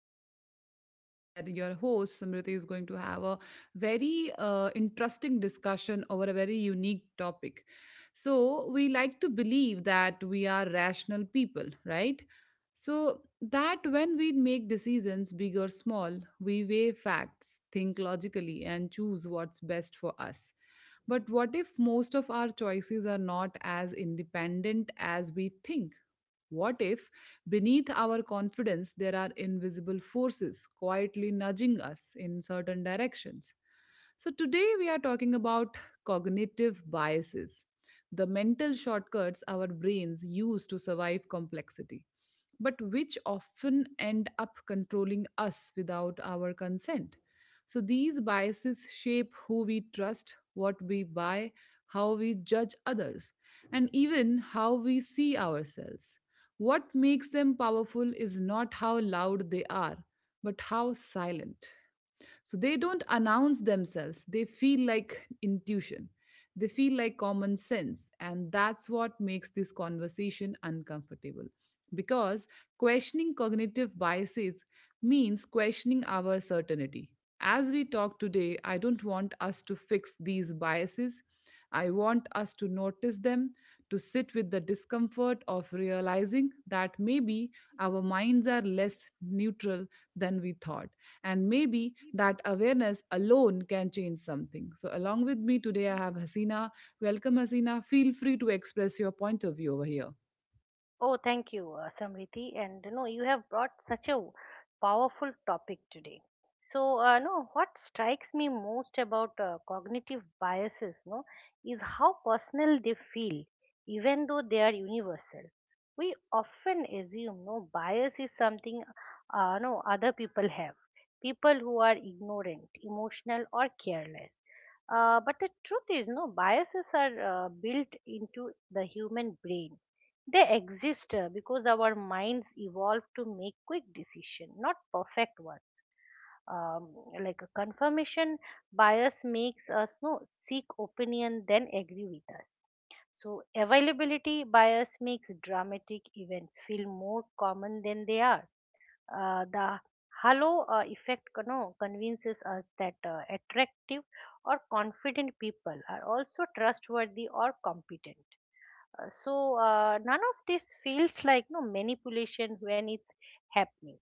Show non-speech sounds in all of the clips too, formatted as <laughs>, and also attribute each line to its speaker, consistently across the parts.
Speaker 1: another podcast where your host Samriti is going to have a very interesting discussion over a very unique topic. So, we like to believe that we are rational people, right? So, that when we make decisions, big or small, we weigh facts, think logically, and choose what's best for us. But what if most of our choices are not as independent as we think? What if beneath our confidence, there are invisible forces quietly nudging us in certain directions. So, today we are talking about cognitive biases, the mental shortcuts our brains use to survive complexity, but which often end up controlling us without our consent. So, these biases shape who we trust, what we buy, how we judge others, and even how we see ourselves. What makes them powerful is not how loud they are, but how silent. So they don't announce themselves, they feel like intuition. They feel like common sense, and that's what makes this conversation uncomfortable. Because questioning cognitive biases means questioning our certainty. As we talk today, I don't want us to fix these biases. I want us to notice them, to sit with the discomfort of realizing that maybe our minds are less neutral than we thought. And maybe that awareness alone can change something. So, along with me today, I have Hasina. Welcome, Hasina. Feel free to express your point of view over here.
Speaker 2: Oh, thank you, Samriti. And no, you have brought such a powerful topic today. So, no, what strikes me most about cognitive biases, no, is how personal they feel, even though they are universal. We often assume bias is something, no, other people have. People who are ignorant, emotional, or careless. But the truth is, no, biases are built into the human brain. They exist because our minds evolved to make quick decision not perfect one. um, like a confirmation bias makes us no seek opinion then agree with us. So availability bias makes dramatic events feel more common than they are. The halo effect convinces us that attractive or confident people are also trustworthy or competent. So none of this feels like no manipulation when it's happening.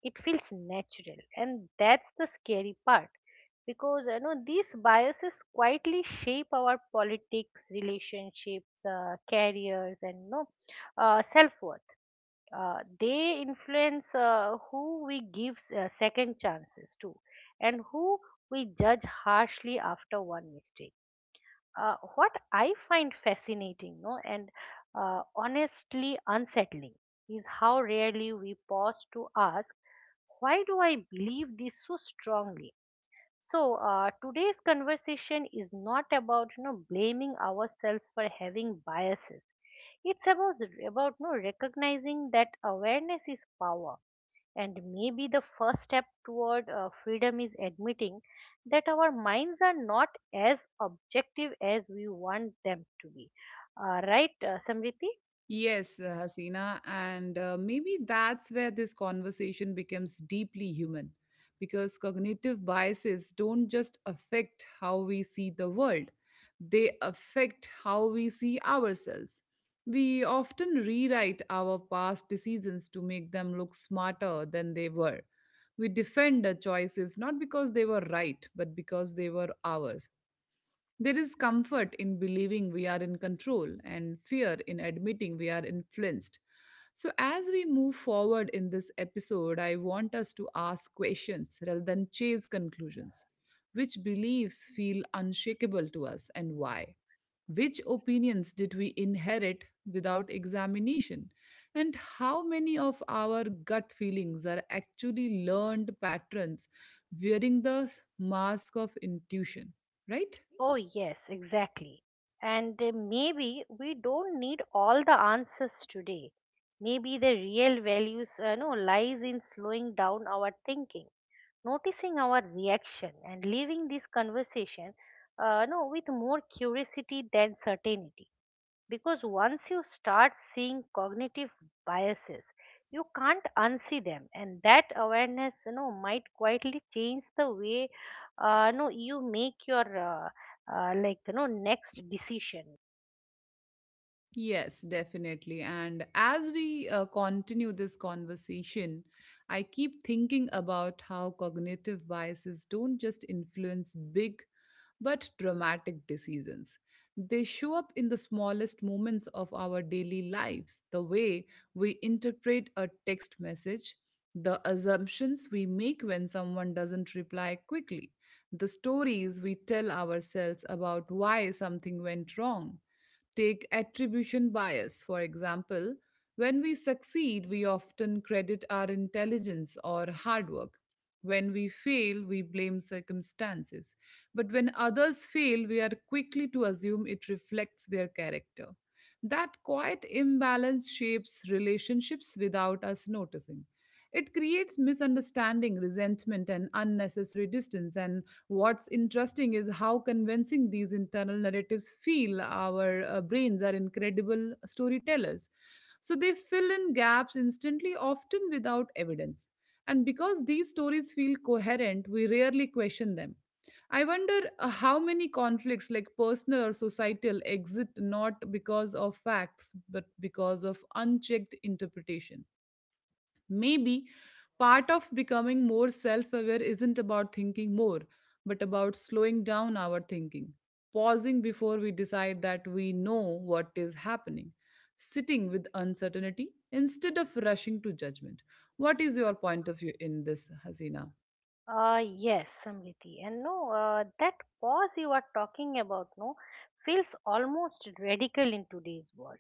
Speaker 2: It feels natural, and that's the scary part, because these biases quietly shape our politics, relationships, careers, and self-worth. They influence who we give second chances to, and who we judge harshly after one mistake. What I find fascinating, no, and honestly unsettling, is how rarely we pause to ask, why do I believe this so strongly? So, today's conversation is not about blaming ourselves for having biases. It's about no recognizing that awareness is power, and maybe the first step toward freedom is admitting that our minds are not as objective as we want them to be. Right, Samriti?
Speaker 1: Yes, Hasina, and maybe that's where this conversation becomes deeply human because cognitive biases don't just affect how we see the world, they affect how we see ourselves. We often rewrite our past decisions to make them look smarter than they were. We defend the choices not because they were right, but because they were ours. There is comfort in believing we are in control and fear in admitting we are influenced. So, as we move forward in this episode, I want us to ask questions rather than chase conclusions. Which beliefs feel unshakable to us and why? Which opinions did we inherit without examination? And how many of our gut feelings are actually learned patterns wearing the mask of intuition, right?
Speaker 2: Oh, yes, exactly. And maybe we don't need all the answers today. Maybe the real values no, lies in slowing down our thinking, noticing our reaction, and leaving this conversation no, with more curiosity than certainty, because once you start seeing cognitive biases, you can't unsee them, and that awareness might quietly change the way no you make your uh, next decision.
Speaker 1: Yes, definitely. And as we continue this conversation, I keep thinking about how cognitive biases don't just influence big but dramatic decisions. They show up in the smallest moments of our daily lives, the way we interpret a text message, the assumptions we make when someone doesn't reply quickly, the stories we tell ourselves about why something went wrong. Take attribution bias, for example. When we succeed, we often credit our intelligence or hard work. When we fail, we blame circumstances. But when others fail, we are quickly to assume it reflects their character. That quiet imbalance shapes relationships without us noticing. It creates misunderstanding, resentment, and unnecessary distance. And what's interesting is how convincing these internal narratives feel. Our brains are incredible storytellers. So they fill in gaps instantly, often without evidence. And because these stories feel coherent, we rarely question them. I wonder how many conflicts, like personal or societal, exist not because of facts but because of unchecked interpretation. Maybe part of becoming more self aware isn't about thinking more, but about slowing down our thinking, pausing before we decide that we know what is happening, sitting with uncertainty instead of rushing to judgment. What is your point of view in this, Hasina?
Speaker 2: uh, yes, Samriti. And no uh, that pause you are talking about no feels almost radical in today's world.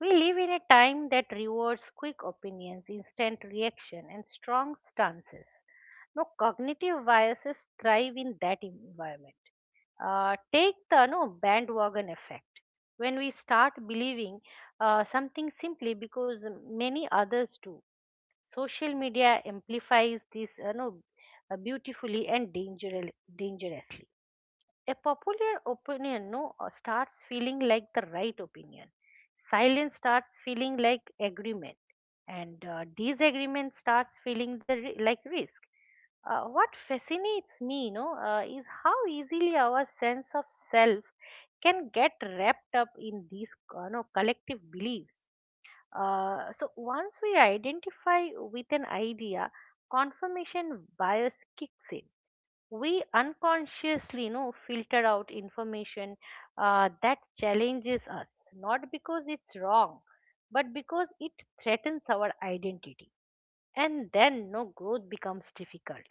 Speaker 2: We live in a time that rewards quick opinions, instant reaction, and strong stances. No Cognitive biases thrive in that environment. Take the no bandwagon effect. When we start believing something simply because many others do, social media amplifies this no, beautifully and dangerously. A popular opinion no starts feeling like the right opinion. Silence starts feeling like agreement, and disagreement starts feeling like risk. What fascinates me, is how easily our sense of self can get wrapped up in these no, collective beliefs. So once we identify with an idea, confirmation bias kicks in. We unconsciously filter out information that challenges us, not because it's wrong, but because it threatens our identity. And then growth becomes difficult,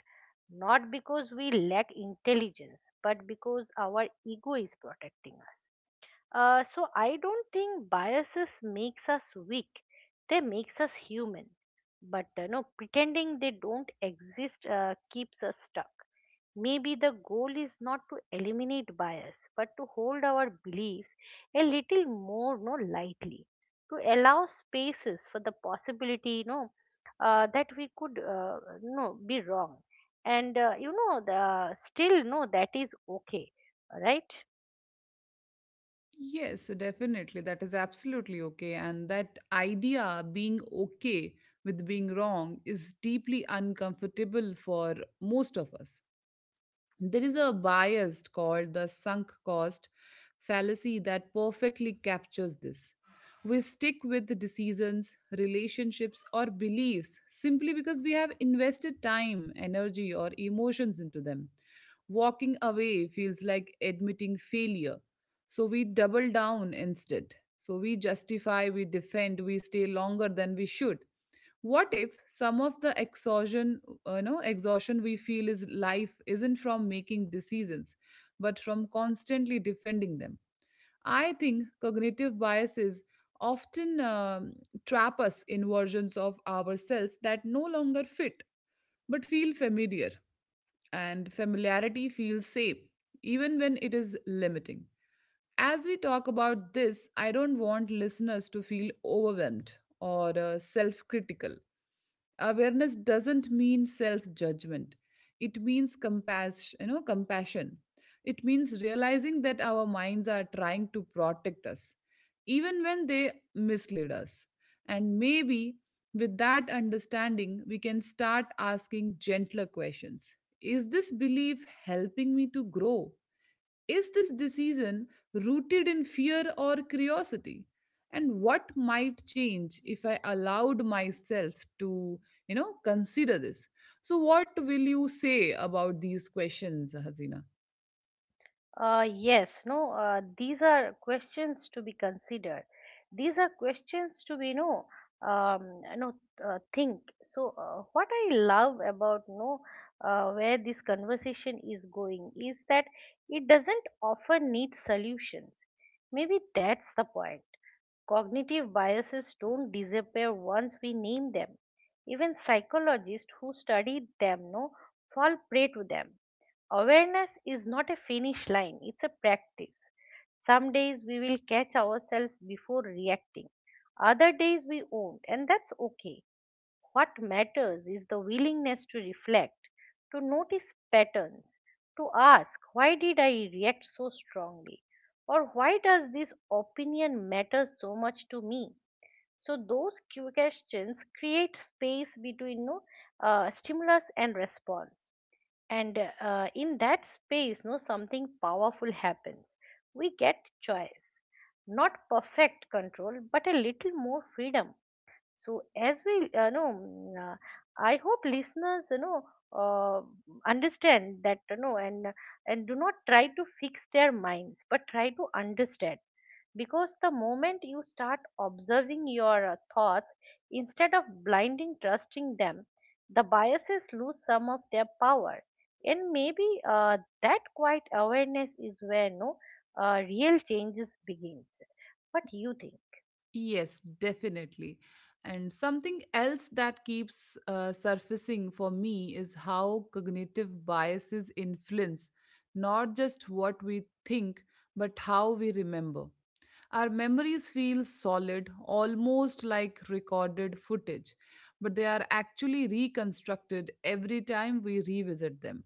Speaker 2: not because we lack intelligence, but because our ego is protecting us. So I don't think biases makes us weak. They makes us human. But pretending they don't exist keeps us stuck. Maybe the goal is not to eliminate bias, but to hold our beliefs a little more no lightly, to allow spaces for the possibility, that we could no be wrong, and you know the still no that is okay, right?
Speaker 1: Yes, definitely. That is absolutely okay. And that idea, being okay with being wrong, is deeply uncomfortable for most of us. There is a bias called the sunk cost fallacy that perfectly captures this. We stick with the decisions, relationships, or beliefs simply because we have invested time, energy, or emotions into them. Walking away feels like admitting failure. So we double down instead. So we justify, we defend, we stay longer than we should. What if some of the exhaustion, exhaustion we feel is life, isn't from making decisions but from constantly defending them? I think cognitive biases often trap us in versions of ourselves that no longer fit but feel familiar. And familiarity feels safe, even when it is limiting. As we talk about this, I don't want listeners to feel overwhelmed or self critical. Awareness doesn't mean self judgment. It means compassion, compassion. It means realizing that our minds are trying to protect us even when they mislead us. And maybe with that understanding we can start asking gentler questions. Is this belief helping me to grow? Is this decision rooted in fear or curiosity? And what might change if I allowed myself to, consider this? So, what will you say about these questions, Hasina?
Speaker 2: Yes. no, These are questions to be considered. These are questions to be, no, no, think. So, what I love about, no, where this conversation is going, is that it doesn't often need solutions. Maybe that's the point. Cognitive biases don't disappear once we name them. Even psychologists who study them, no, fall prey to them. Awareness is not a finish line, it's a practice. Some days we will catch ourselves before reacting, other days we won't, and that's okay. What matters is the willingness to reflect, to notice patterns, to ask, why did I react so strongly? Or why does this opinion matter so much to me? So, those questions create space between no, stimulus and response, and in that space no something powerful happens. We get choice, not perfect control, but a little more freedom. So as we know, I hope listeners uh, understand that, and do not try to fix their minds but try to understand, because the moment you start observing your thoughts instead of blinding trusting them, the biases lose some of their power. And maybe that quiet awareness is where no real changes begins. What do you think?
Speaker 1: Yes, definitely. And something else that keeps surfacing for me is how cognitive biases influence not just what we think, but how we remember. Our memories feel solid, almost like recorded footage, but they are actually reconstructed every time we revisit them.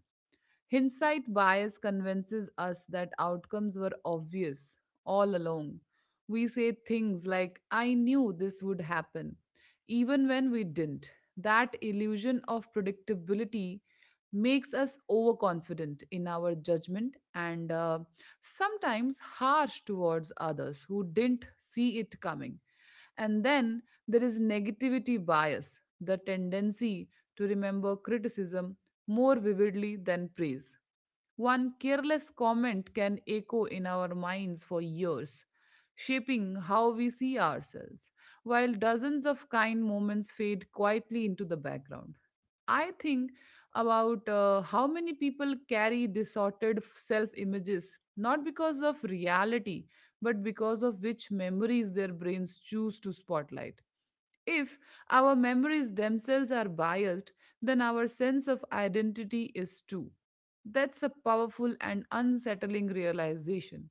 Speaker 1: Hindsight bias convinces us that outcomes were obvious all along. We say things like, I knew this would happen, even when we didn't. That illusion of predictability makes us overconfident in our judgment and sometimes harsh towards others who didn't see it coming. And then there is negativity bias, the tendency to remember criticism more vividly than praise. One careless comment can echo in our minds for years, shaping how we see ourselves, while dozens of kind moments fade quietly into the background. I think about how many people carry distorted self images, not because of reality, but because of which memories their brains choose to spotlight. If our memories themselves are biased, then our sense of identity is too. That's a powerful and unsettling realization.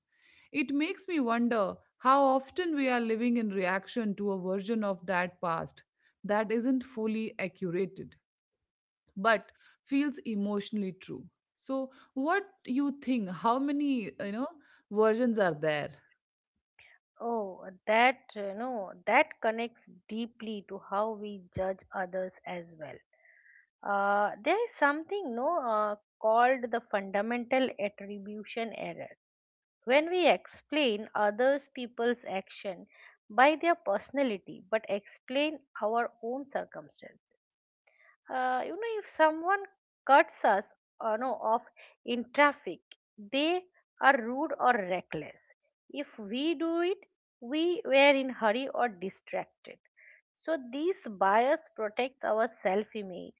Speaker 1: It makes me wonder how often we are living in reaction to a version of that past that isn't fully accurated but feels emotionally true. So, what you think? How many, you know, versions are there?
Speaker 2: Oh, that you know that connects deeply to how we judge others as well. There is something no called the fundamental attribution error, when we explain others people's action by their personality but explain our own circumstances. If someone cuts us no, off in traffic, they are rude or reckless. If we do it, we were in hurry or distracted. So this bias protects our self image,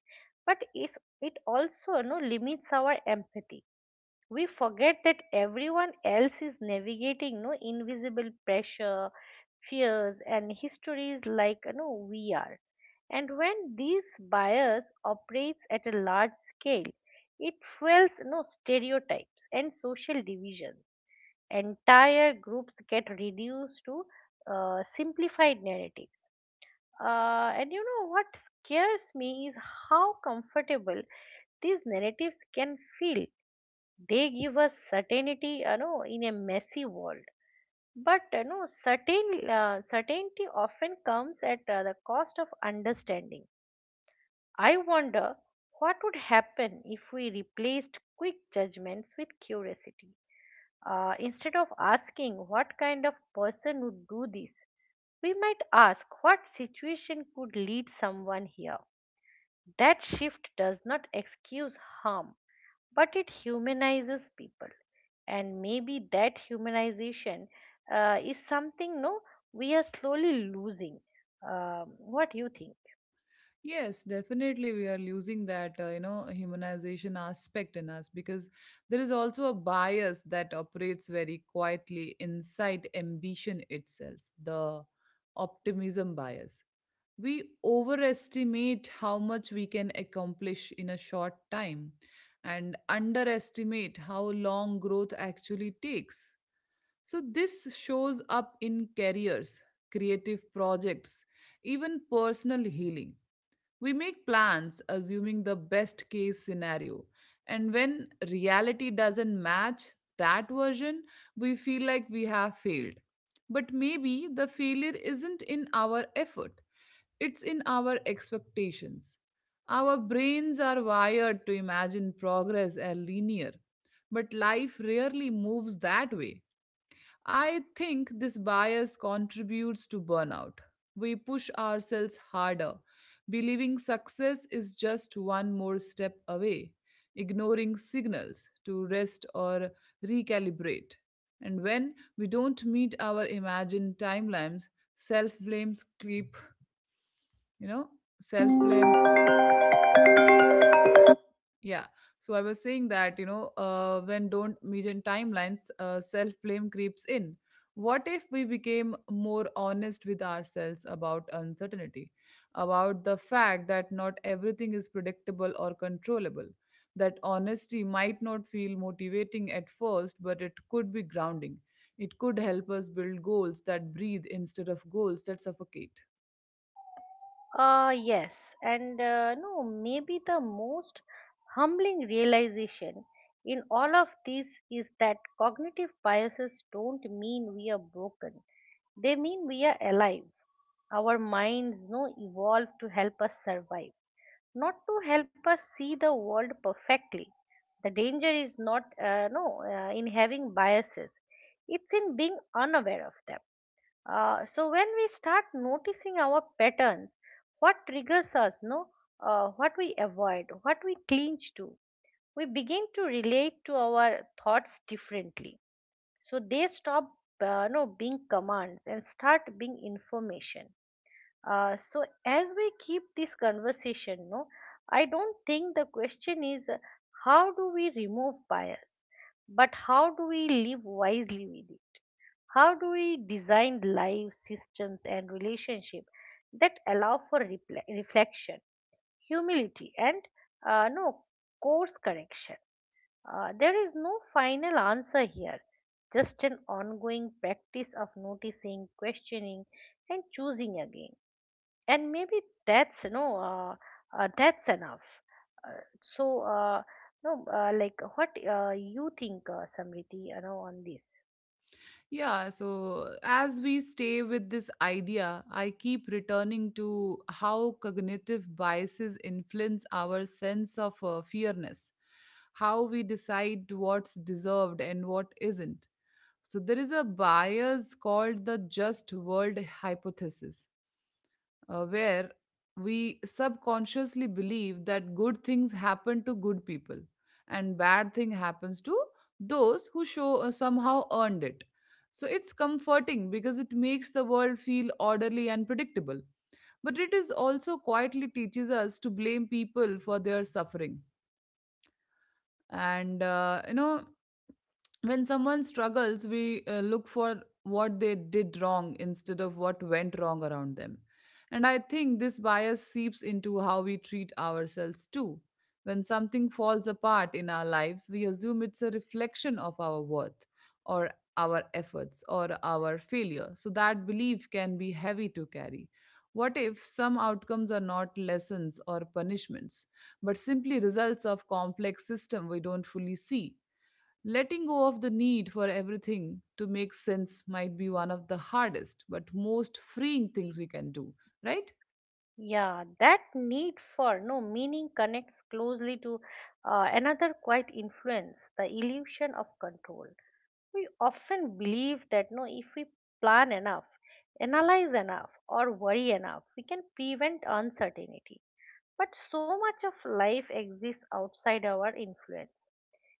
Speaker 2: but it also, limits our empathy. We forget that everyone else is navigating no invisible pressure, fears and histories like we are. And when these bias operates at a large scale, it fuels stereotypes and social divisions. Entire groups get reduced to simplified narratives. And you know what scares me is how comfortable these narratives can feel. They give us certainty in a messy world, but certainty often comes at the cost of understanding. I wonder what would happen if we replaced quick judgments with curiosity. Instead of asking what kind of person would do this, we might ask what situation could lead someone here. That shift does not excuse harm, but it humanizes people. And maybe that humanization is something no we are slowly losing. um, what do you think?
Speaker 1: Yes, definitely we are losing that, you know, humanization aspect in us because there is also a bias that operates very quietly inside ambition itself, the optimism bias. We overestimate how much we can accomplish in a short time and underestimate how long growth actually takes. So this shows up in careers, creative projects, even personal healing. We make plans assuming the best case scenario. And when reality doesn't match that version, we feel like we have failed. But maybe the failure isn't in our effort, it's in our expectations. Our brains are wired to imagine progress as linear, but life rarely moves that way. I think this bias contributes to burnout. We push ourselves harder, believing success is just one more step away, ignoring signals to rest or recalibrate. And when we don't meet our imagined timelines, self blames creep, you know, self blame. Yeah. So I was saying that, you know, when don't meet in timelines, self blame creeps in. What if we became more honest with ourselves about uncertainty, about the fact that not everything is predictable or controllable? That honesty might not feel motivating at first, but it could be grounding. It could help us build goals that breathe instead of goals that suffocate.
Speaker 2: Yes, and no, maybe the most humbling realization in all of this is that cognitive biases don't mean we are broken, they mean we are alive. Our minds no evolve to help us survive, not to help us see the world perfectly. The danger is not no in having biases; it's in being unaware of them. So when we start noticing our patterns, what triggers us, no, what we avoid, what we clinch to, we begin to relate to our thoughts differently. So they stop, no, being commands and start being information. So as we keep this conversation, I don't think the question is how do we remove bias, but how do we live wisely with it? How do we design life systems and relationship that allow for reflection, humility, and no course correction? There is no final answer here, just an ongoing practice of noticing, questioning, and choosing again. And maybe that's no, uh, that's enough. So, no, like what you think, Samriti, on this?
Speaker 1: Yeah, so as we stay with this idea, I keep returning to how cognitive biases influence our sense of fairness, how we decide what's deserved and what isn't. So, there is a bias called the just world hypothesis, where we subconsciously believe that good things happen to good people and bad thing happens to those who show somehow earned it. So it's comforting because it makes the world feel orderly and predictable, but it is also quietly teaches us to blame people for their suffering. And, you know, when someone struggles we look for what they did wrong instead of what went wrong around them. And I think this bias seeps into how we treat ourselves too. When something falls apart in our lives we assume it's a reflection of our worth or our efforts or our failure, so that belief can be heavy to carry. What if some outcomes are not lessons or punishments, but simply results of complex system we don't fully see? Letting go of the need for everything to make sense might be one of the hardest but most freeing things we can do, right?
Speaker 2: Yeah, that need for no meaning connects closely to another quiet influence, the illusion of control. We often believe that, if we plan enough, analyze enough, or worry enough, we can prevent uncertainty. But so much of life exists outside our influence.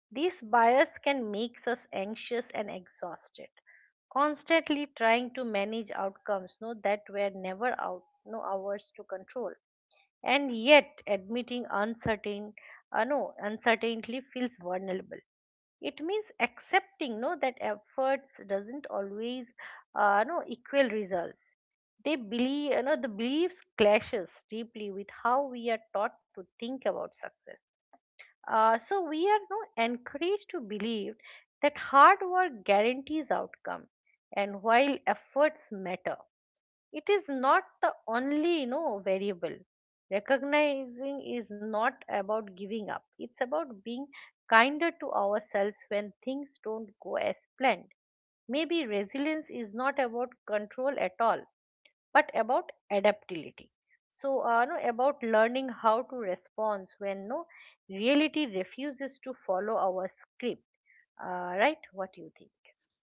Speaker 2: This bias can make us anxious and exhausted, constantly trying to manage outcomes, that were never out, no ours to control. And yet admitting uncertain no uncertainty feels vulnerable. It means accepting that efforts doesn't always no equal results. They believe you know The beliefs clashes deeply with how we are taught to think about success. So we are no encouraged to believe that hard work guarantees outcome, and while efforts matter, it is not the only variable. Recognizing is not about giving up, it's about being kinder to ourselves when things don't go as planned. Maybe resilience is not about control at all, but about adaptability. So no, about learning how to respond when no reality refuses to follow our script. Right. What do you think?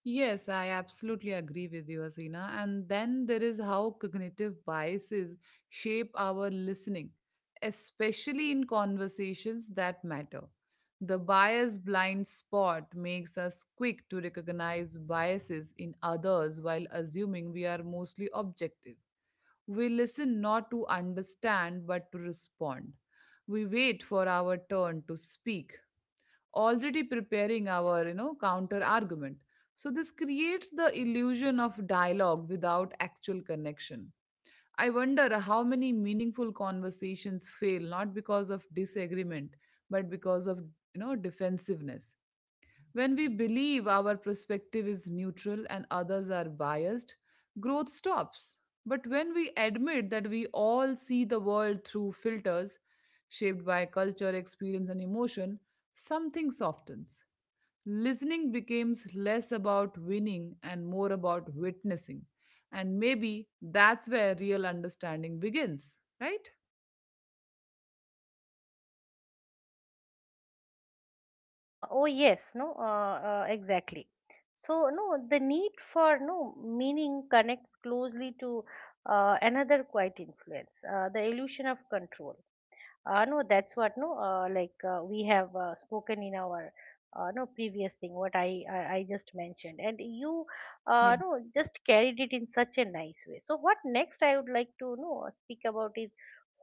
Speaker 1: Yes, I absolutely agree with you, Asina. And then there is how cognitive biases shape our listening, especially in conversations that matter. The bias blind spot makes us quick to recognize biases in others while assuming we are mostly objective. We listen not to understand but to respond. We wait for our turn to speak, already preparing our, counter argument. So this creates the illusion of dialogue without actual connection. I wonder how many meaningful conversations fail not because of disagreement but because of, defensiveness when we believe our perspective is neutral and others are biased, growth stops. But when we admit that we all see the world through filters shaped by culture, experience, and emotion, something softens. Listening becomes less about winning and more about witnessing. And maybe that's where real understanding begins, right?
Speaker 2: Oh, yes. No, exactly. So the need for no meaning connects closely to another quiet influence, the illusion of control. No, that's what no, like we have spoken in our no previous thing, what I just mentioned, and you
Speaker 1: Yeah.
Speaker 2: no just carried it in such a nice way. So what next I would like to know speak about is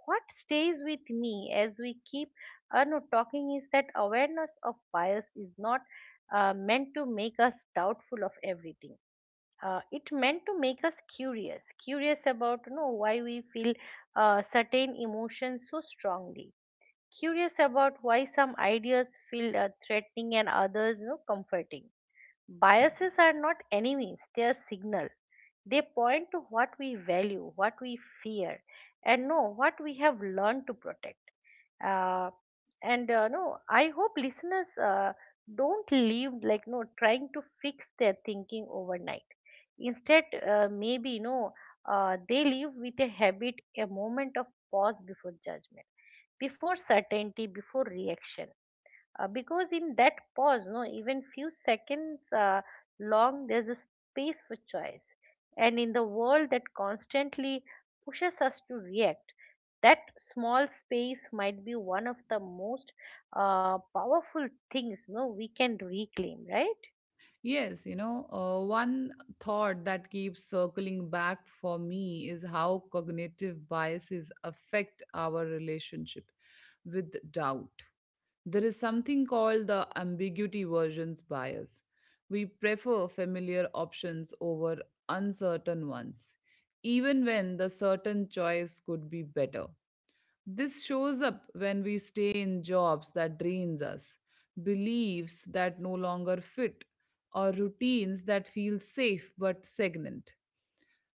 Speaker 2: what stays with me as we keep no talking is that awareness of bias is not meant to make us doubtful of everything. It meant to make us curious, curious about why we feel certain emotions so strongly, curious about why some ideas feel threatening and others comforting. Biases are not enemies, they are signal. They point to what we value, what we fear, and know what we have learned to protect. Uh, and no, I hope listeners don't leave like no, trying to fix their thinking overnight. Instead, maybe no, they leave with a habit, a moment of pause before judgment, before certainty, before reaction, because in that pause, no, even few seconds long, there's a space for choice, and in the world that constantly pushes us to react, that small space might be one of the most powerful things, no, we can reclaim, right?
Speaker 1: Yes, one thought that keeps circling back for me is how cognitive biases affect our relationship with doubt. There is something called the ambiguity versions bias. We prefer familiar options over uncertain ones, even when the certain choice could be better. This shows up when we stay in jobs that drains us, beliefs that no longer fit, or routines that feel safe but stagnant.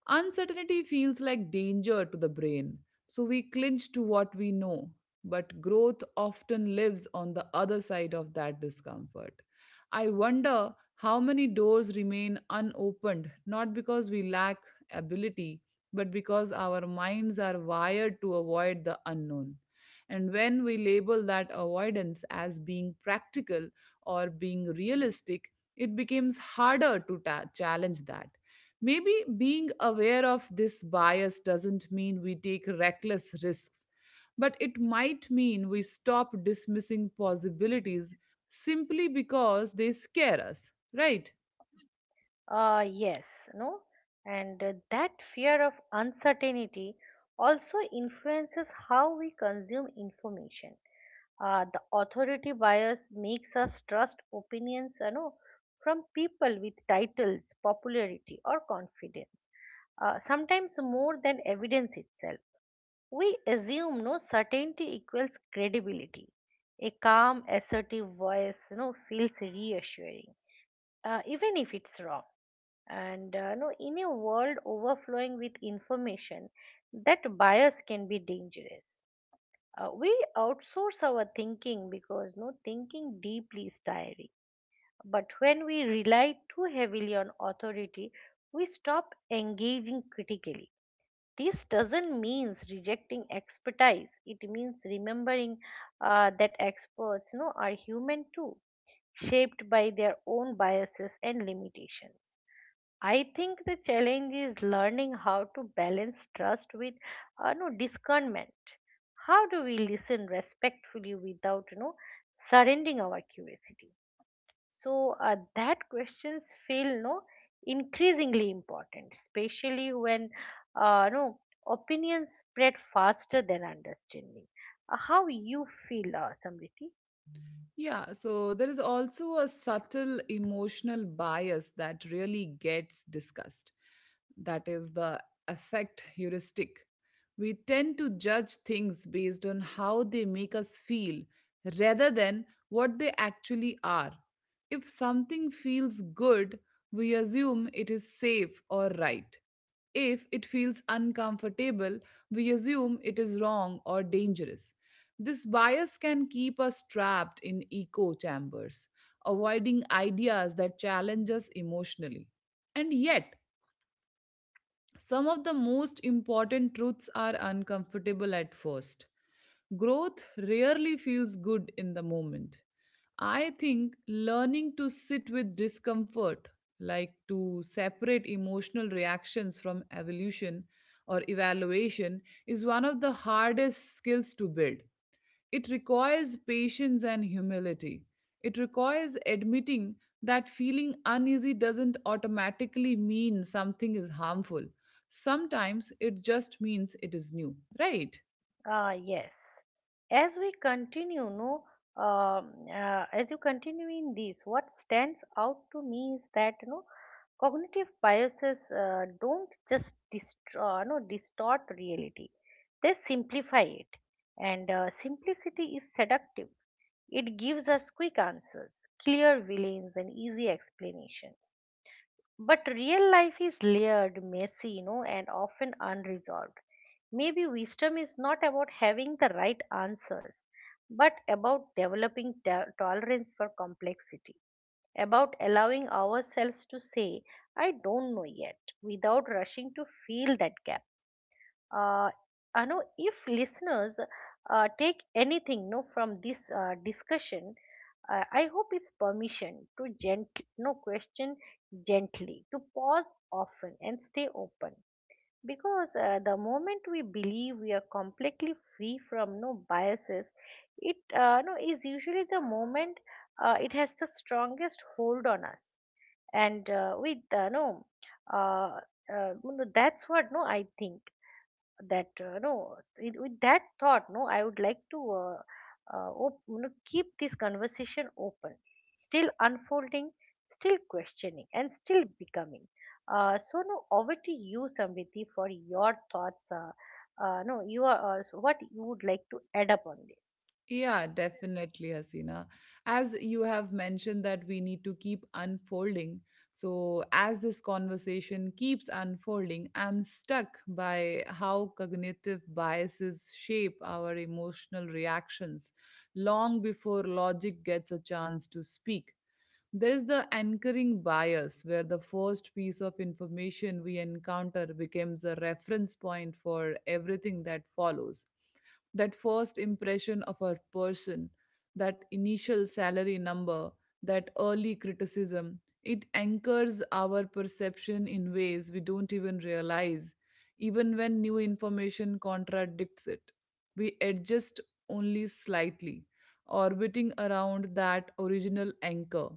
Speaker 1: Uncertainty feels like danger to the brain, so we clinch to what we know. But growth often lives on the other side of that discomfort. I wonder how many doors remain unopened, not because we lack ability, but because our minds are wired to avoid the unknown. And when we label that avoidance as being practical or being realistic, it becomes harder to challenge that. Maybe being aware of this bias doesn't mean we take reckless risks, but it might mean we stop dismissing possibilities simply because they scare us, right?
Speaker 2: Yes, no, and that fear of uncertainty also influences how we consume information. The authority bias makes us trust opinions, from people with titles, popularity, or confidence, sometimes more than evidence itself. We assume, no, certainty equals credibility. A calm, assertive voice, feels reassuring, even if it's wrong. And no, in a world overflowing with information, that bias can be dangerous. We outsource our thinking because, no, thinking deeply is tiring. But when we rely too heavily on authority, we stop engaging critically. This doesn't mean rejecting expertise. It means remembering that experts, are human too, shaped by their own biases and limitations. I think the challenge is learning how to balance trust with, no, discernment. How do we listen respectfully without surrendering our curiosity? So that questions feel, no, increasingly important, especially when, no, opinions spread faster than understanding. How you feel, Samriti?
Speaker 1: Yeah, so there is also a subtle emotional bias that really gets discussed. That is the affect heuristic. We tend to judge things based on how they make us feel rather than what they actually are. If something feels good, we assume it is safe or right. If it feels uncomfortable, we assume it is wrong or dangerous. This bias can keep us trapped in echo chambers, avoiding ideas that challenge us emotionally. And yet, some of the most important truths are uncomfortable at first. Growth rarely feels good in the moment. I think learning to sit with discomfort, like to separate emotional reactions from evolution or evaluation, is one of the hardest skills to build. It requires patience and humility. It requires admitting that feeling uneasy doesn't automatically mean something is harmful. Sometimes it just means it is new, right?
Speaker 2: Yes. As we continue, no, as you continue in this, what stands out to me is that, cognitive biases don't just distro- no, distort reality; they simplify it, and simplicity is seductive. It gives us quick answers, clear villains, and easy explanations. But real life is layered, messy, and often unresolved. Maybe wisdom is not about having the right answers, but about developing tolerance for complexity, about allowing ourselves to say, "I don't know yet," without rushing to fill that gap. uh, Anu, if listeners take anything, no, from this discussion, I hope it's permission to gently, no, question gently, to pause often and stay open. Because the moment we believe we are completely free from, no, biases, it, no, is usually the moment, it has the strongest hold on us. And with no, uh, you know, That's what, no, I think that, no s- with that thought, no, I would like to, keep this conversation open, still unfolding, still questioning, and still becoming. So, no, over to you, Samriti, for your thoughts. No, you are, so what you would like to add up on this?
Speaker 1: Yeah, definitely, Hasina. As you have mentioned that we need to keep unfolding. So, as this conversation keeps unfolding, I'm stuck by how cognitive biases shape our emotional reactions long before logic gets a chance to speak. There is the anchoring bias, where the first piece of information we encounter becomes a reference point for everything that follows. That first impression of a person, that initial salary number, that early criticism, it anchors our perception in ways we don't even realize, even when new information contradicts it. We adjust only slightly, orbiting around that original anchor.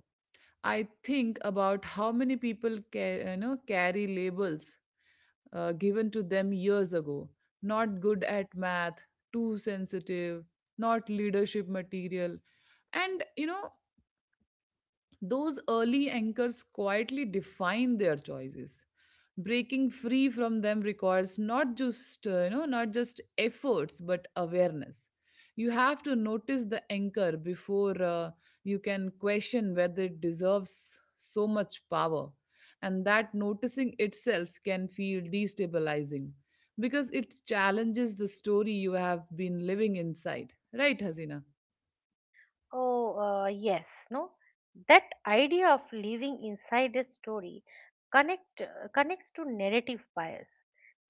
Speaker 1: I think about how many people carry labels given to them years ago. Not good at math, too sensitive, not leadership material, and those early anchors quietly define their choices. Breaking free from them requires not just efforts but awareness. You have to notice the anchor before you can question whether it deserves so much power, and that noticing itself can feel destabilizing because it challenges the story you have been living inside. Right, Hasina?
Speaker 2: Oh, yes, no. That idea of living inside a story connects to narrative bias,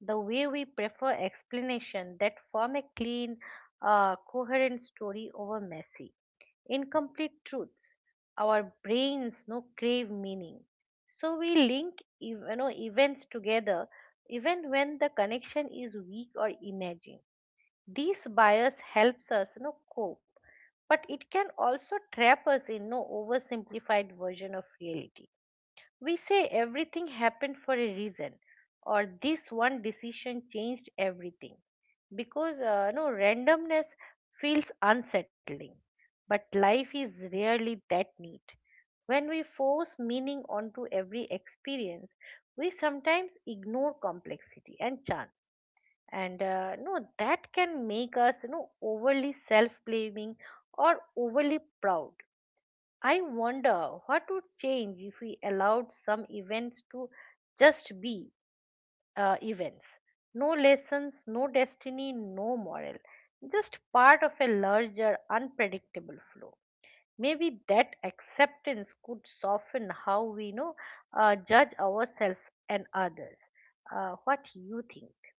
Speaker 2: the way we prefer explanation that form a clean, coherent story over messy, incomplete truths. Our brains, no, crave meaning, so we link, events together even when the connection is weak or imagined. This bias helps us, cope, but it can also trap us in, no, oversimplified version of reality. We say everything happened for a reason, or this one decision changed everything, because, no, randomness feels unsettling. But life is rarely that neat. When we force meaning onto every experience, we sometimes ignore complexity and chance, and no, that can make us, overly self blaming or overly proud. I wonder what would change if we allowed some events to just be events, no lessons, no destiny, no moral, just part of a larger unpredictable flow. Maybe that acceptance could soften how we, judge ourselves and others. What you think?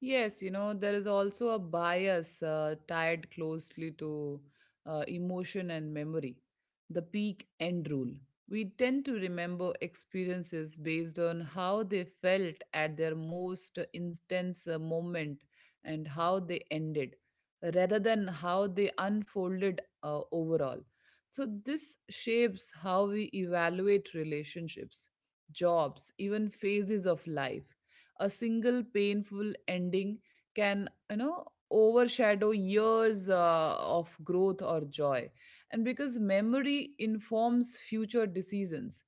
Speaker 1: Yes, there is also a bias tied closely to emotion and memory, the peak end rule. We tend to remember experiences based on how they felt at their most intense moment and how they ended, rather than how they unfolded overall. So, this shapes how we evaluate relationships, jobs, even phases of life. A single painful ending can, overshadow years of growth or joy. And because memory informs future decisions,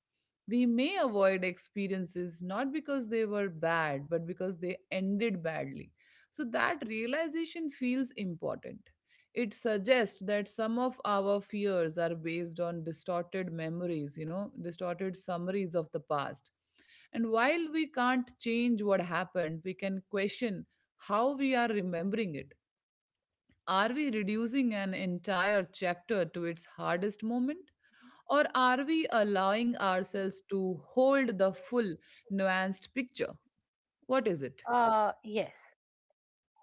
Speaker 1: we may avoid experiences not because they were bad but because they ended badly. So that realization feels important. It suggests that some of our fears are based on distorted memories, distorted summaries of the past. And while we can't change what happened, we can question how we are remembering it. Are we reducing an entire chapter to its hardest moment? Or are we allowing ourselves to hold the full, nuanced picture? What is it?
Speaker 2: Yes,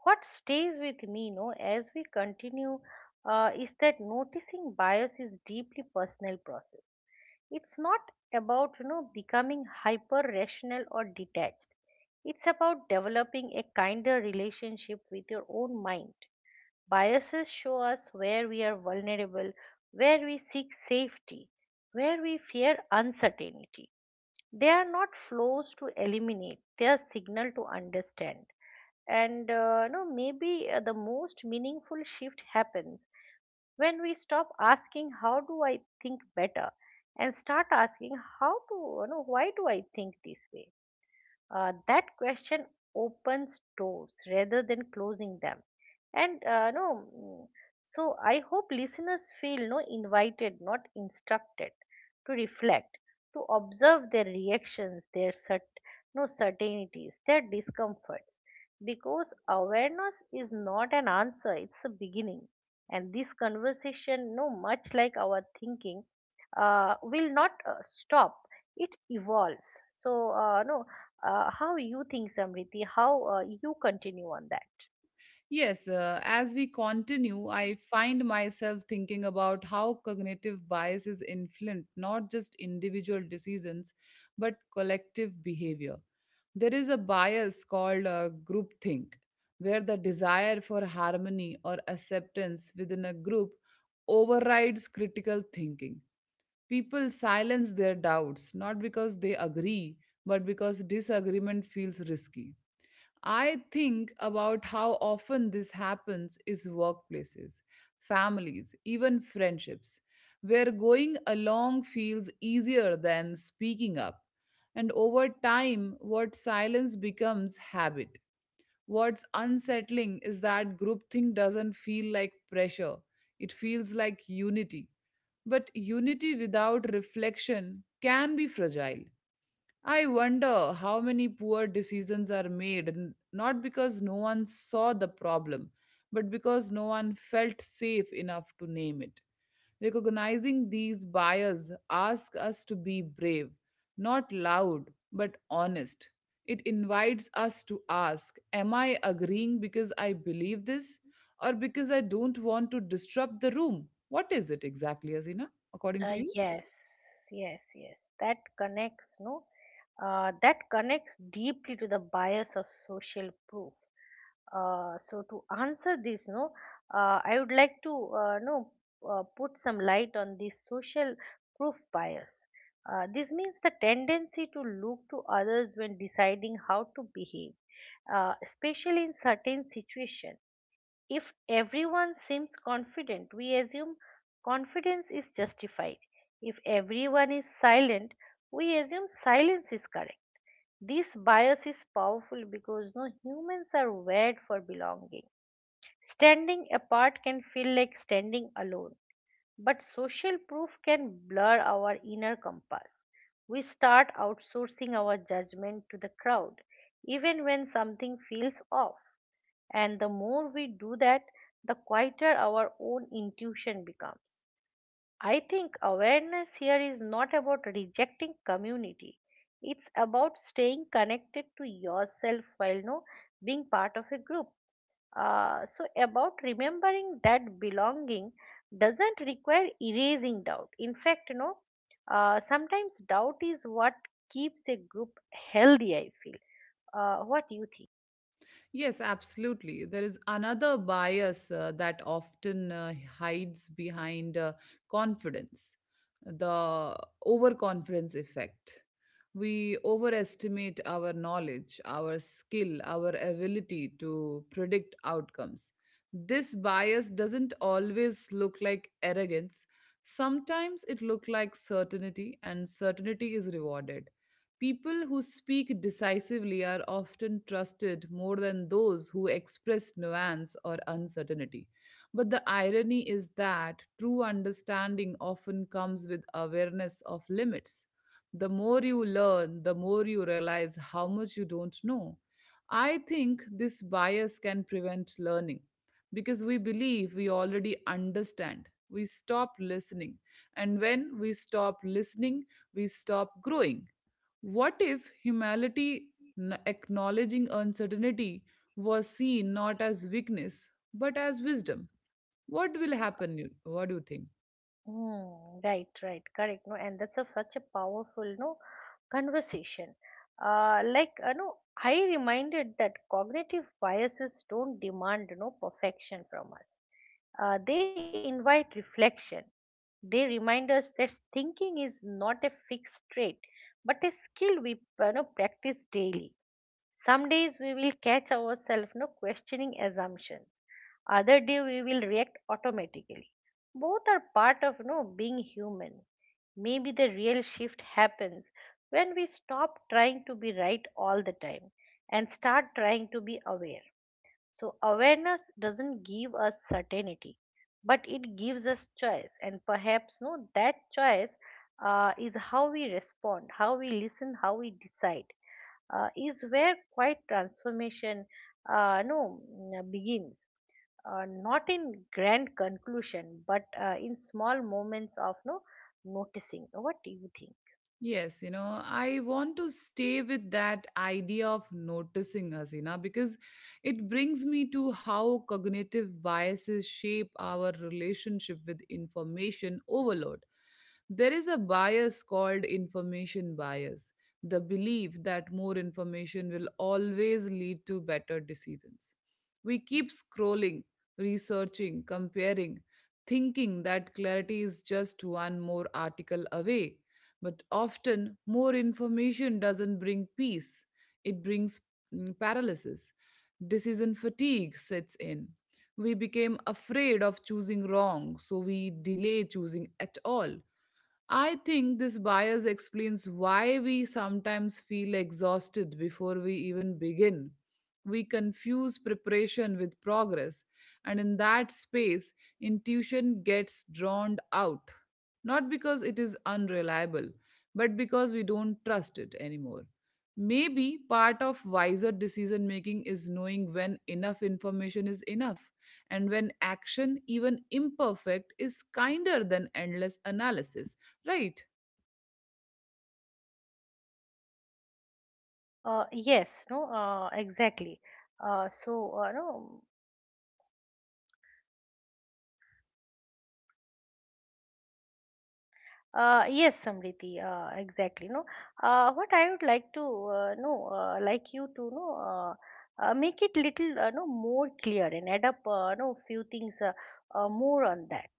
Speaker 2: what stays with me, no, as we continue, is that noticing bias is deeply personal process. It's not about, becoming hyper rational or detached. It's about developing a kinder relationship with your own mind. Biases show us where we are vulnerable, where we seek safety, where we fear uncertainty. They are not flows to eliminate, they are signal to understand. And no, maybe the most meaningful shift happens when we stop asking, "How do I think better?" and start asking, "How to, why do I think this way?" That question opens doors rather than closing them. And no, so I hope listeners feel, no, invited, not instructed, to reflect, to observe their reactions, their no, certainties, their discomforts, because awareness is not an answer, it's a beginning. And this conversation, no, much like our thinking, will not stop. It evolves. So uh, no uh, how you think, Samriti? How you continue on that?
Speaker 1: Yes, as we continue, I find myself thinking about how cognitive biases influence not just individual decisions but collective behavior. There is a bias called groupthink, where the desire for harmony or acceptance within a group overrides critical thinking. People silence their doubts not because they agree, but because disagreement feels risky. I think about how often this happens is workplaces, families, even friendships, where going along feels easier than speaking up. And over time, what silence becomes habit. What's unsettling is that groupthink doesn't feel like pressure, it feels like unity. But unity without reflection can be fragile. I wonder how many poor decisions are made, not because no one saw the problem, but because no one felt safe enough to name it. Recognizing these bias asks us to be brave, not loud, but honest. It invites us to ask, am I agreeing because I believe this or because I don't want to disrupt the room? What is it exactly, Azina, according to
Speaker 2: Uh,
Speaker 1: you?
Speaker 2: yes, yes, yes. That connects, no? That connects deeply to the bias of social proof. So, to answer this, no, I would like to, no put some light on this social proof bias. This means the tendency to look to others when deciding how to behave, especially in certain situations. If everyone seems confident, we assume confidence is justified. If everyone is silent, we assume silence is correct. This bias is powerful because, no, humans are wired for belonging. Standing apart can feel like standing alone, but social proof can blur our inner compass. We start outsourcing our judgment to the crowd, even when something feels off. And the more we do that, the quieter our own intuition becomes. I think awareness here is not about rejecting community. It's about staying connected to yourself while, no, being part of a group. So, about remembering that belonging doesn't require erasing doubt. In fact, sometimes doubt is what keeps a group healthy. I feel. What do you think?
Speaker 1: Yes, absolutely. There is another bias that often hides behind confidence, the overconfidence effect. We overestimate our knowledge, our skill, our ability to predict outcomes. This bias doesn't always look like arrogance. Sometimes it looks like certainty, and certainty is rewarded. People who speak decisively are often trusted more than those who express nuance or uncertainty. But the irony is that true understanding often comes with awareness of limits. The more you learn, the more you realize how much you don't know. I think this bias can prevent learning because we believe we already understand. We stop listening. And when we stop listening, we stop growing. What if humanity acknowledging uncertainty was seen not as weakness but as wisdom? What will happen? What do you think?
Speaker 2: Right, right, correct. No, and that's such a powerful, no, conversation. Uh, like, you know, I reminded that cognitive biases don't demand, perfection from us. They invite reflection. They remind us that thinking is not a fixed trait, but a skill we, practice daily. Some days we will catch ourselves, no, questioning assumptions. Other day we will react automatically. Both are part of, no, being human. Maybe the real shift happens when we stop trying to be right all the time and start trying to be aware. So, awareness doesn't give us certainty, but it gives us choice, and perhaps, no, that choice, is how we respond, how we listen, how we decide. Is where quiet transformation, no, begins, not in grand conclusion, but in small moments of, no, noticing. What do you think?
Speaker 1: Yes, I want to stay with that idea of noticing, Hasina, because it brings me to how cognitive biases shape our relationship with information overload. There is a bias called information bias, the belief that more information will always lead to better decisions. We keep scrolling, researching, comparing, thinking that clarity is just one more article away. But often, more information doesn't bring peace, it brings, mm, paralysis. Decision fatigue sets in. We became afraid of choosing wrong, so we delay choosing at all. I think this bias explains why we sometimes feel exhausted before we even begin. We confuse preparation with progress, and in that space, intuition gets drowned out. Not because it is unreliable, but because we don't trust it anymore. Maybe part of wiser decision making is knowing when enough information is enough and when action, even imperfect, is kinder than endless analysis, right?
Speaker 2: Yes, no, exactly. Uh, so, uh, no, yes, Samriti, exactly. No, what I would like to, know, like you to know, make it little, no, more clear and add up, no, few things more on that.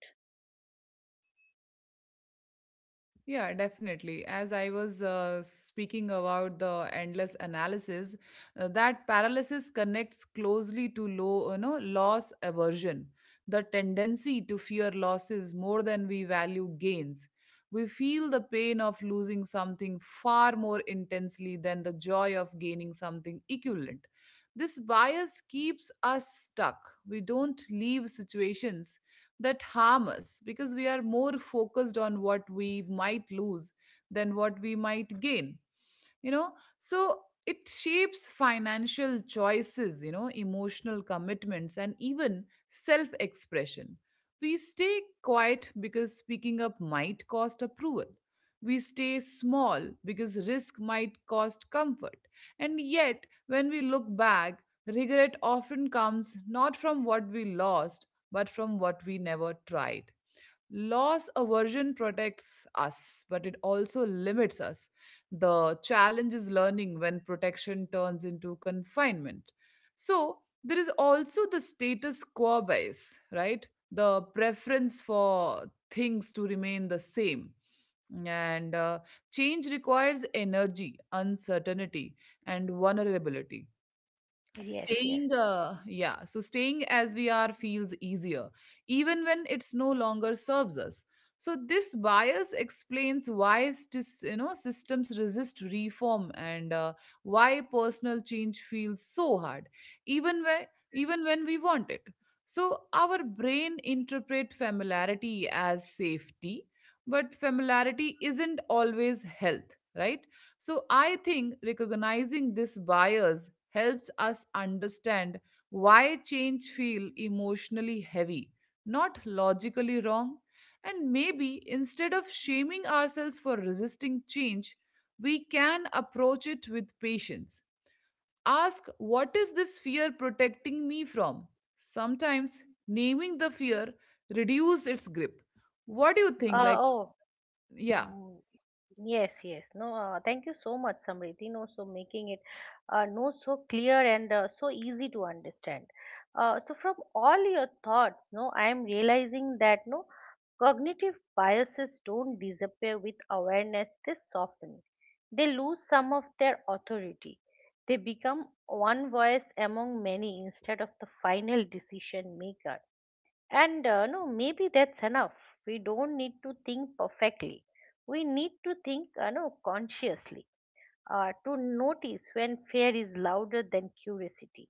Speaker 1: Yeah, definitely. As I was speaking about the endless analysis, that paralysis connects closely to loss aversion, the tendency to fear losses more than we value gains. We feel the pain of losing something far more intensely than the joy of gaining something equivalent. This bias keeps us stuck. We don't leave situations that harm us because we are more focused on what we might lose than what we might gain, you know so it shapes financial choices, emotional commitments, and even self expression. We stay quiet because speaking up might cost approval. We stay small because risk might cost comfort. And yet when we look back, regret often comes not from what we lost but from what we never tried. Loss aversion protects us, but it also limits us. The challenge is learning when protection turns into confinement. So, there is also the status quo bias, right? The preference for things to remain the same. And Change requires energy, uncertainty, and vulnerability.
Speaker 2: Yes, yes.
Speaker 1: Staying uh, yeah so staying as we are feels easier even when it's no longer serves us. So this bias explains why stis, you know systems resist reform, and why personal change feels so hard even when, even when we want it. So our brain interpret familiarity as safety, but familiarity isn't always health, right? So I think recognizing this bias helps us understand why change feel emotionally heavy, not logically wrong. And maybe instead of shaming ourselves for resisting change, we can approach it with patience. Ask, what is this fear protecting me from? Sometimes naming the fear reduces its grip. What do you think?
Speaker 2: Uh,
Speaker 1: Like,
Speaker 2: oh,
Speaker 1: yeah.
Speaker 2: mm, Yes, yes. No, thank you so much, Samriti. No, so making it, no, so clear and so easy to understand. So, from all your thoughts, no, I am realizing that, no, cognitive biases don't disappear with awareness. They soften. They lose some of their authority. They become one voice among many instead of the final decision maker. And no, maybe that's enough. We don't need to think perfectly. We need to think, no, consciously. To notice when fear is louder than curiosity,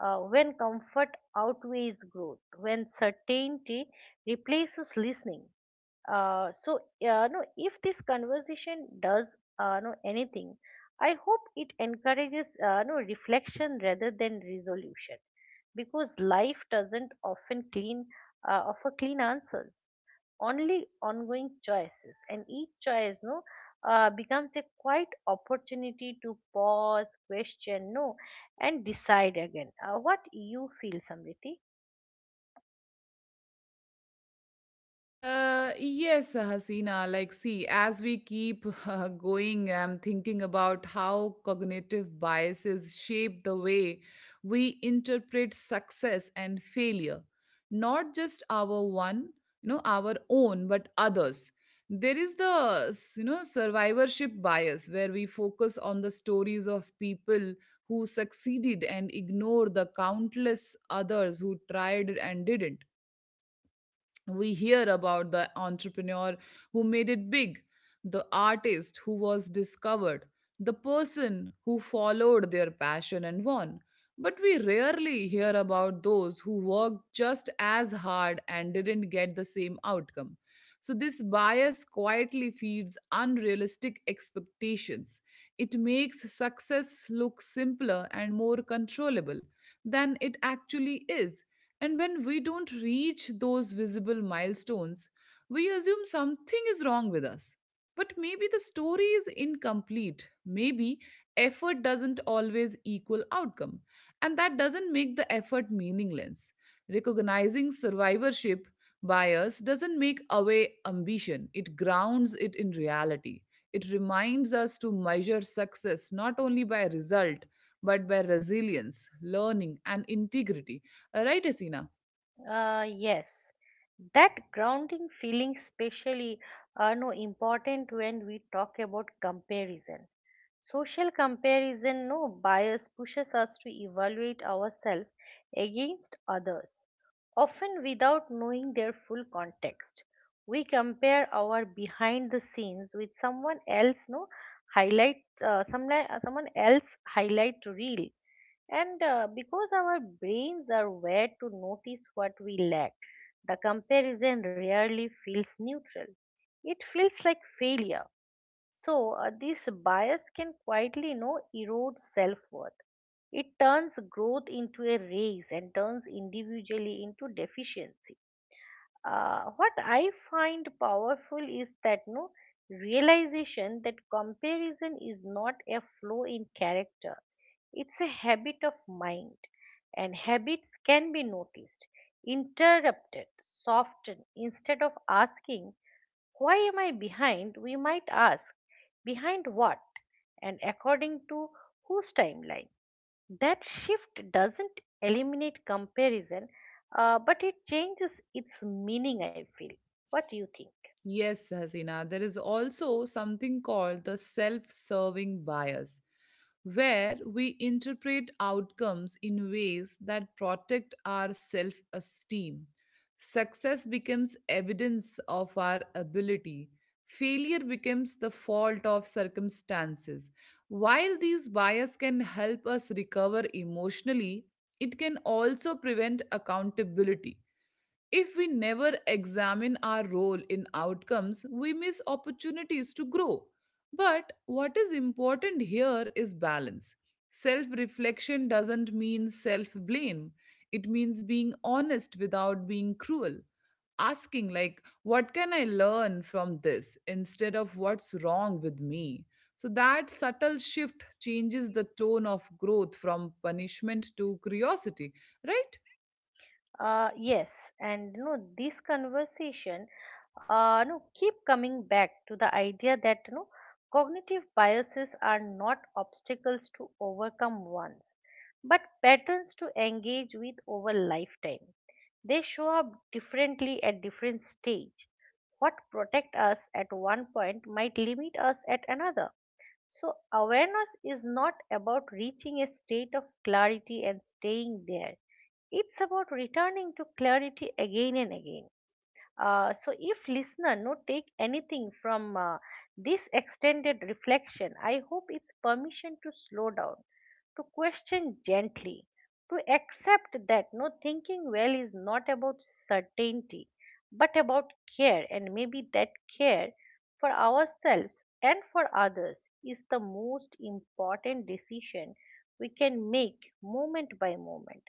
Speaker 2: when comfort outweighs growth, when certainty replaces listening. So, no, if this conversation does, no, anything, I hope it encourages, no, reflection rather than resolution, because life doesn't often clean offer clean answers, only ongoing choices, and each choice, no, becomes a quiet opportunity to pause, question, no, and decide again. What you feel, Samriti?
Speaker 1: Yes, Hasina. Like, see, as we keep <laughs> going, I'm thinking about how cognitive biases shape the way we interpret success and failure, not just our one, our own, but others. There is the, survivorship bias where we focus on the stories of people who succeeded and ignore the countless others who tried and didn't. We hear about the entrepreneur who made it big, the artist who was discovered, the person who followed their passion and won. But we rarely hear about those who worked just as hard and didn't get the same outcome. So, this bias quietly feeds unrealistic expectations. It makes success look simpler and more controllable than it actually is, and when we don't reach those visible milestones, we assume something is wrong with us. But maybe the story is incomplete. Maybe effort doesn't always equal outcome. And that doesn't make the effort meaningless. Recognizing survivorship bias doesn't make away ambition, it grounds it in reality. It reminds us to measure success not only by result but by resilience, learning, and integrity. Right, Hasina?
Speaker 2: Yes, that grounding feeling, especially, no, important when we talk about comparison. Social comparison, no, bias, pushes us to evaluate ourselves against others, often without knowing their full context. We compare our behind the scenes with someone else, no, highlight, someone else highlight reel, and because our brains are wired to notice what we lack, the comparison rarely feels neutral. It feels like failure. So this bias can quietly, erode self worth. It turns growth into a race and turns individually into deficiency. What I find powerful is that, no, realization that comparison is not a flaw in character. It's a habit of mind, and habits can be noticed, interrupted, softened. Instead of asking, "Why am I behind?" we might ask, "Behind what?" And according to whose timeline? That shift doesn't eliminate comparison, but it changes its meaning, I feel. What do you think?
Speaker 1: Yes, Hasina. There is also something called the self serving bias, where we interpret outcomes in ways that protect our self esteem. Success becomes evidence of our ability, failure becomes the fault of circumstances. While these biases can help us recover emotionally, it can also prevent accountability. If we never examine our role in outcomes, we miss opportunities to grow. But what is important here is balance. Self reflection doesn't mean self blame, it means being honest without being cruel. Asking, like, what can I learn from this instead of what's wrong with me? So that subtle shift changes the tone of growth from punishment to curiosity, right?
Speaker 2: Yes, and you know this conversation, keep coming back to the idea that cognitive biases are not obstacles to overcome once, but patterns to engage with over lifetime. They show up differently at different stage. What protect us at one point might limit us at another, so awareness is not about reaching a state of clarity and staying there. It's about returning to clarity again and again. So if listener no take anything from this extended reflection, I hope it's permission to slow down, to question gently, to accept that no thinking well is not about certainty, but about care, and maybe that care for ourselves and for others is the most important decision we can make moment by moment,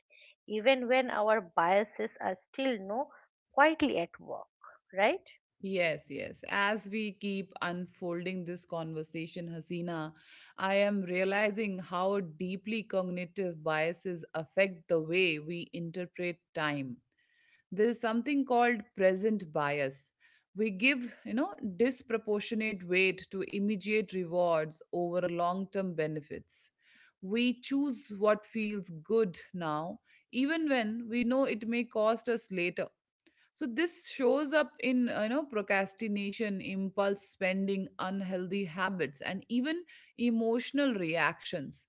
Speaker 2: even when our biases are still no quietly at work, right?
Speaker 1: Yes, yes. As we keep unfolding this conversation, Hasina, I am realizing how deeply cognitive biases affect the way we interpret time. There is something called present bias. We give, you know, disproportionate weight to immediate rewards over long-term benefits. We choose what feels good now, even when we know it may cost us later. So this shows up in you know, procrastination, impulse spending, unhealthy habits, and even emotional reactions.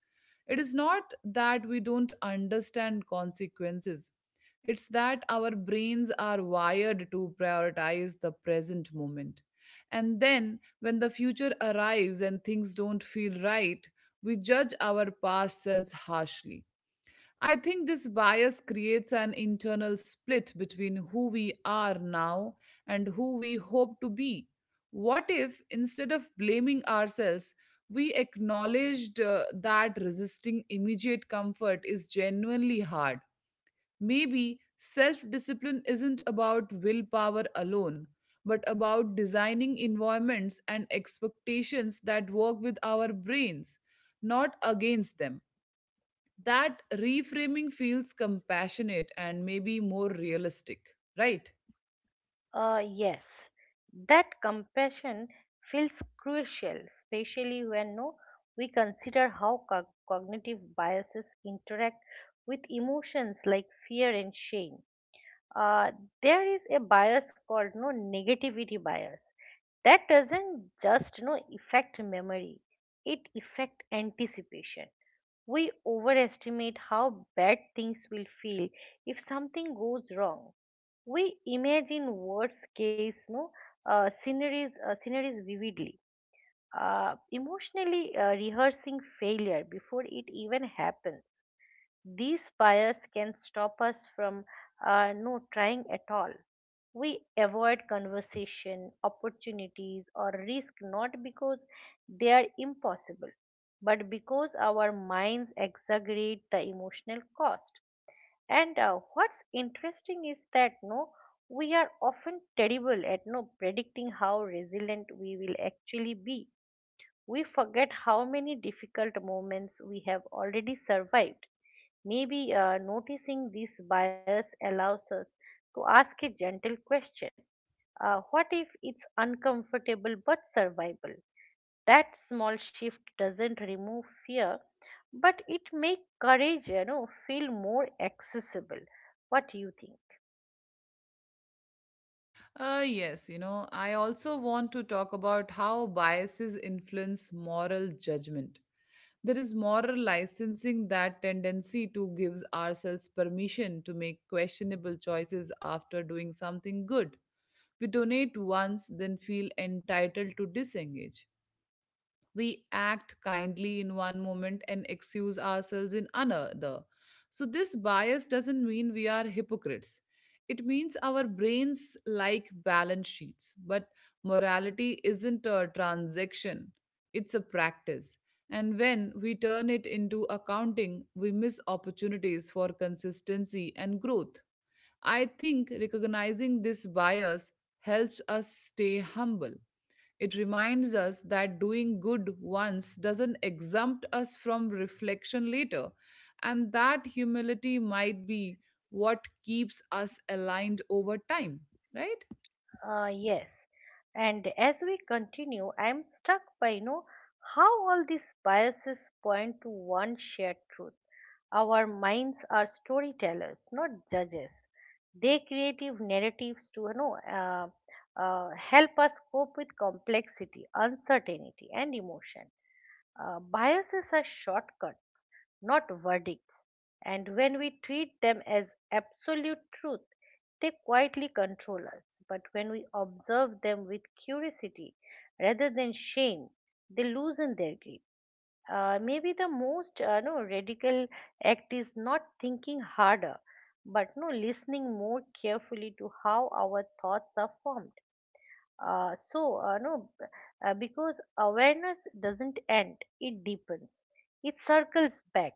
Speaker 1: It is not that we don't understand consequences. It's that our brains are wired to prioritize the present moment. And then, when the future arrives and things don't feel right, we judge our past selves harshly. I think this bias creates an internal split between who we are now and who we hope to be. What if, instead of blaming ourselves, we acknowledged that resisting immediate comfort is genuinely hard? Maybe self discipline isn't about willpower alone, but about designing environments and expectations that work with our brains, not against them. That reframing feels compassionate and maybe more realistic, right?
Speaker 2: Yes, that compassion feels crucial, especially when no, we consider how cognitive biases interact with emotions like fear and shame. uh, there is a bias called no negativity bias that doesn't just no affect memory, it affect anticipation. We overestimate how bad things will feel if something goes wrong. We imagine worst case no scenarios sceneries vividly, emotionally rehearsing failure before it even happens. These bias can stop us from no trying at all. We avoid conversation, opportunities, or risk not because they are impossible, but because our minds exaggerate the emotional cost. And what's interesting is that no, we are often terrible at no predicting how resilient we will actually be. We forget how many difficult moments we have already survived. Maybe noticing this bias allows us to ask a gentle question. What if it's uncomfortable but survivable? That small shift doesn't remove fear, but it makes courage, feel more accessible. What do you think?
Speaker 1: Yes, you know, I also want to talk about how biases influence moral judgment. There is moral licensing, that tendency to gives ourselves permission to make questionable choices after doing something good. We donate once then feel entitled to disengage, we act kindly in one moment and excuse ourselves in another. So, this bias doesn't mean we are hypocrites. It means our brains like balance sheets, but morality isn't a transaction, it's a practice. And when we turn it into accounting, we miss opportunities for consistency and growth. I think recognizing this bias helps us stay humble. It reminds us that doing good once doesn't exempt us from reflection later, and that humility might be what keeps us aligned over time, right?
Speaker 2: Yes. And as we continue, I'm struck by how all these biases point to one shared truth. Our minds are storytellers, not judges. They creative narratives to help us cope with complexity, uncertainty, and emotion. Biases are shortcuts, not verdicts, and when we treat them as absolute truth, they quietly control us. But when we observe them with curiosity rather than shame, they loosen their grip. Maybe the most no, radical act is not thinking harder, but no listening more carefully to how our thoughts are formed. Uh, so, uh, no, b- because awareness doesn't end, it deepens, it circles back.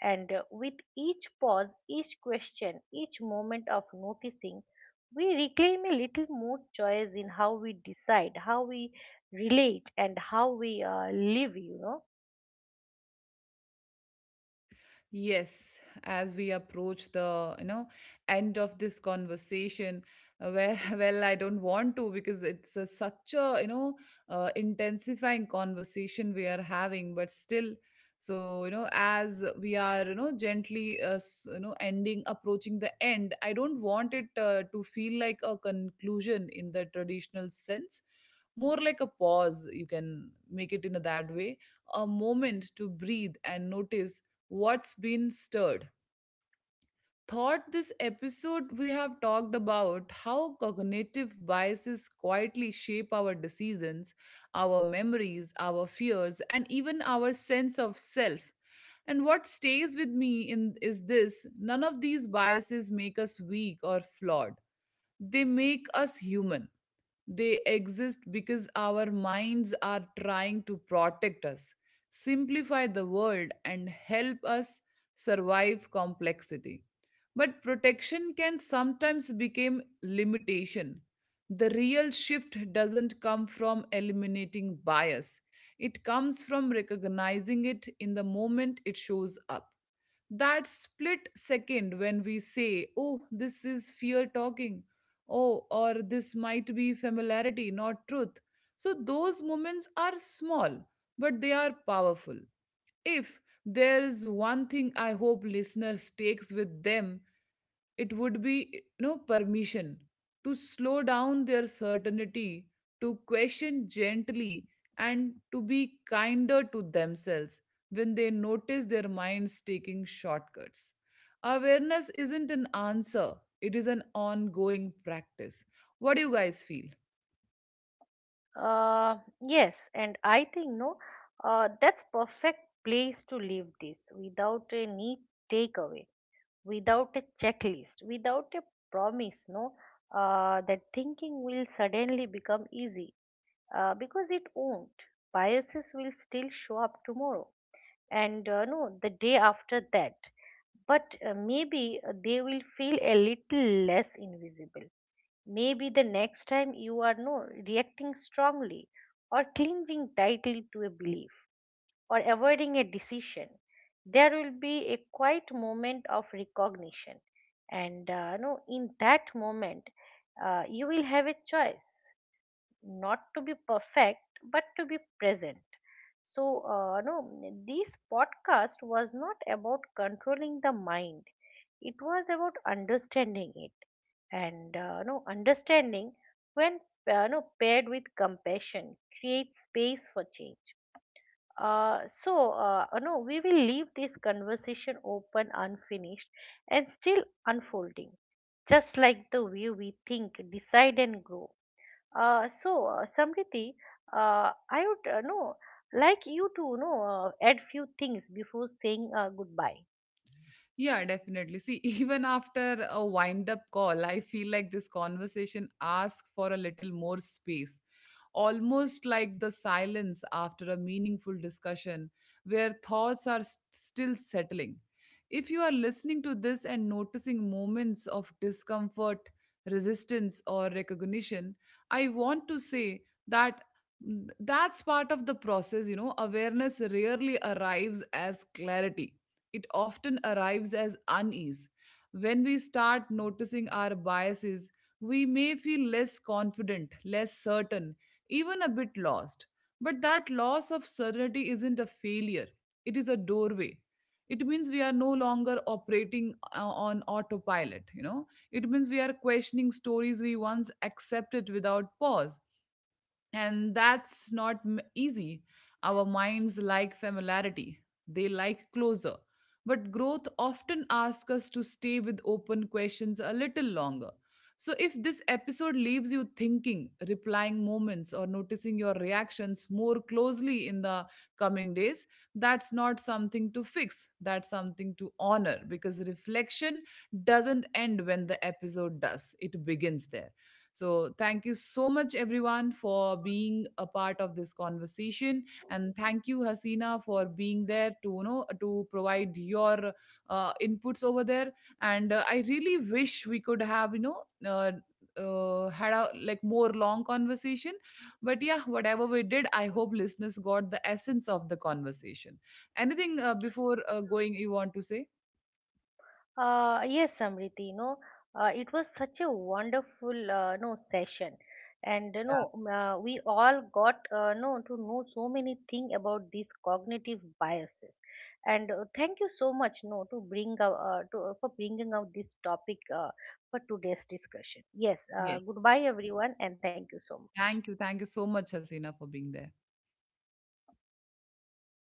Speaker 2: And with each pause, each question, each moment of noticing, we reclaim a little more choice in how we decide, how we relate, and how we live, you know.
Speaker 1: Yes, as we approach the, you know, end of this conversation, where, <laughs> well, I don't want to because it's a, such a, you know, intensifying conversation we are having, but still, so, you know, as we are, you know, gently, you know, ending, approaching the end, I don't want it to feel like a conclusion in the traditional sense, more like a pause. You can make it in that way, a moment to breathe and notice what's been stirred. Thought this episode we have talked about how cognitive biases quietly shape our decisions, our memories, our fears, and even our sense of self. And what stays with me in is this: none of these biases make us weak or flawed. They make us human. They exist because our minds are trying to protect us, simplify the world, and help us survive complexity. But protection can sometimes become limitation. The real shift doesn't come from eliminating bias, it comes from recognizing it in the moment it shows up. That split second when we say, oh, this is fear talking, oh, or this might be familiarity, not truth. So those moments are small, but they are powerful. If there is one thing I hope listeners takes with them, it would be no permission to slow down their certainty, to question gently, and to be kinder to themselves when they notice their minds taking shortcuts. Awareness isn't an answer, it is an ongoing practice. What do you guys feel?
Speaker 2: Yes, and I think no, that's perfect place to leave this without a neat takeaway, without a checklist, without a promise, no, that thinking will suddenly become easy because it won't. Biases will still show up tomorrow and no, the day after that. But maybe they will feel a little less invisible. Maybe the next time you are no reacting strongly or clinging tightly to a belief or avoiding a decision, there will be a quiet moment of recognition. And no, in that moment, you will have a choice not to be perfect, but to be present. So, no, this podcast was not about controlling the mind, it was about understanding it, and no understanding when no paired with compassion creates space for change. No, we will leave this conversation open, unfinished, and still unfolding, just like the way we think, decide, and grow. So, Samriti, I would know, like you to know, add few things before saying goodbye.
Speaker 1: Yeah, definitely. See, <laughs> even after a wind up call, I feel like this conversation asks for a little more space, almost like the silence after a meaningful discussion where thoughts are still settling. If you are listening to this and noticing moments of discomfort, resistance, or recognition, I want to say that. That's part of the process, you know. Awareness rarely arrives as clarity, it often arrives as unease. When we start noticing our biases, we may feel less confident, less certain, even a bit lost. But that loss of certainty isn't a failure, it is a doorway. It means we are no longer operating on autopilot, you know. It means we are questioning stories we once accepted without pause. And that's not easy. Our minds like familiarity, they like closer. But growth often asks us to stay with open questions a little longer. So, if this episode leaves you thinking, replying moments, or noticing your reactions more closely in the coming days, that's not something to fix. That's something to honor because reflection doesn't end when the episode does, it begins there. So, thank you so much, everyone, for being a part of this conversation, and thank you, Hasina, for being there to, you know, to provide your inputs over there. And I really wish we could have, you know, had a like more long conversation, but yeah, whatever we did, I hope listeners got the essence of the conversation. Anything before going, you want to say?
Speaker 2: Yes, Samriti, you know, it was such a wonderful no session, and you
Speaker 1: Yeah.
Speaker 2: know, we all got no to know so many things about these cognitive biases, and thank you so much, no, to bring out to for bringing out this topic for today's discussion. Yes,
Speaker 1: Yes.
Speaker 2: goodbye everyone, and thank you so much.
Speaker 1: Thank you. Thank you so much, Hasina, for being there.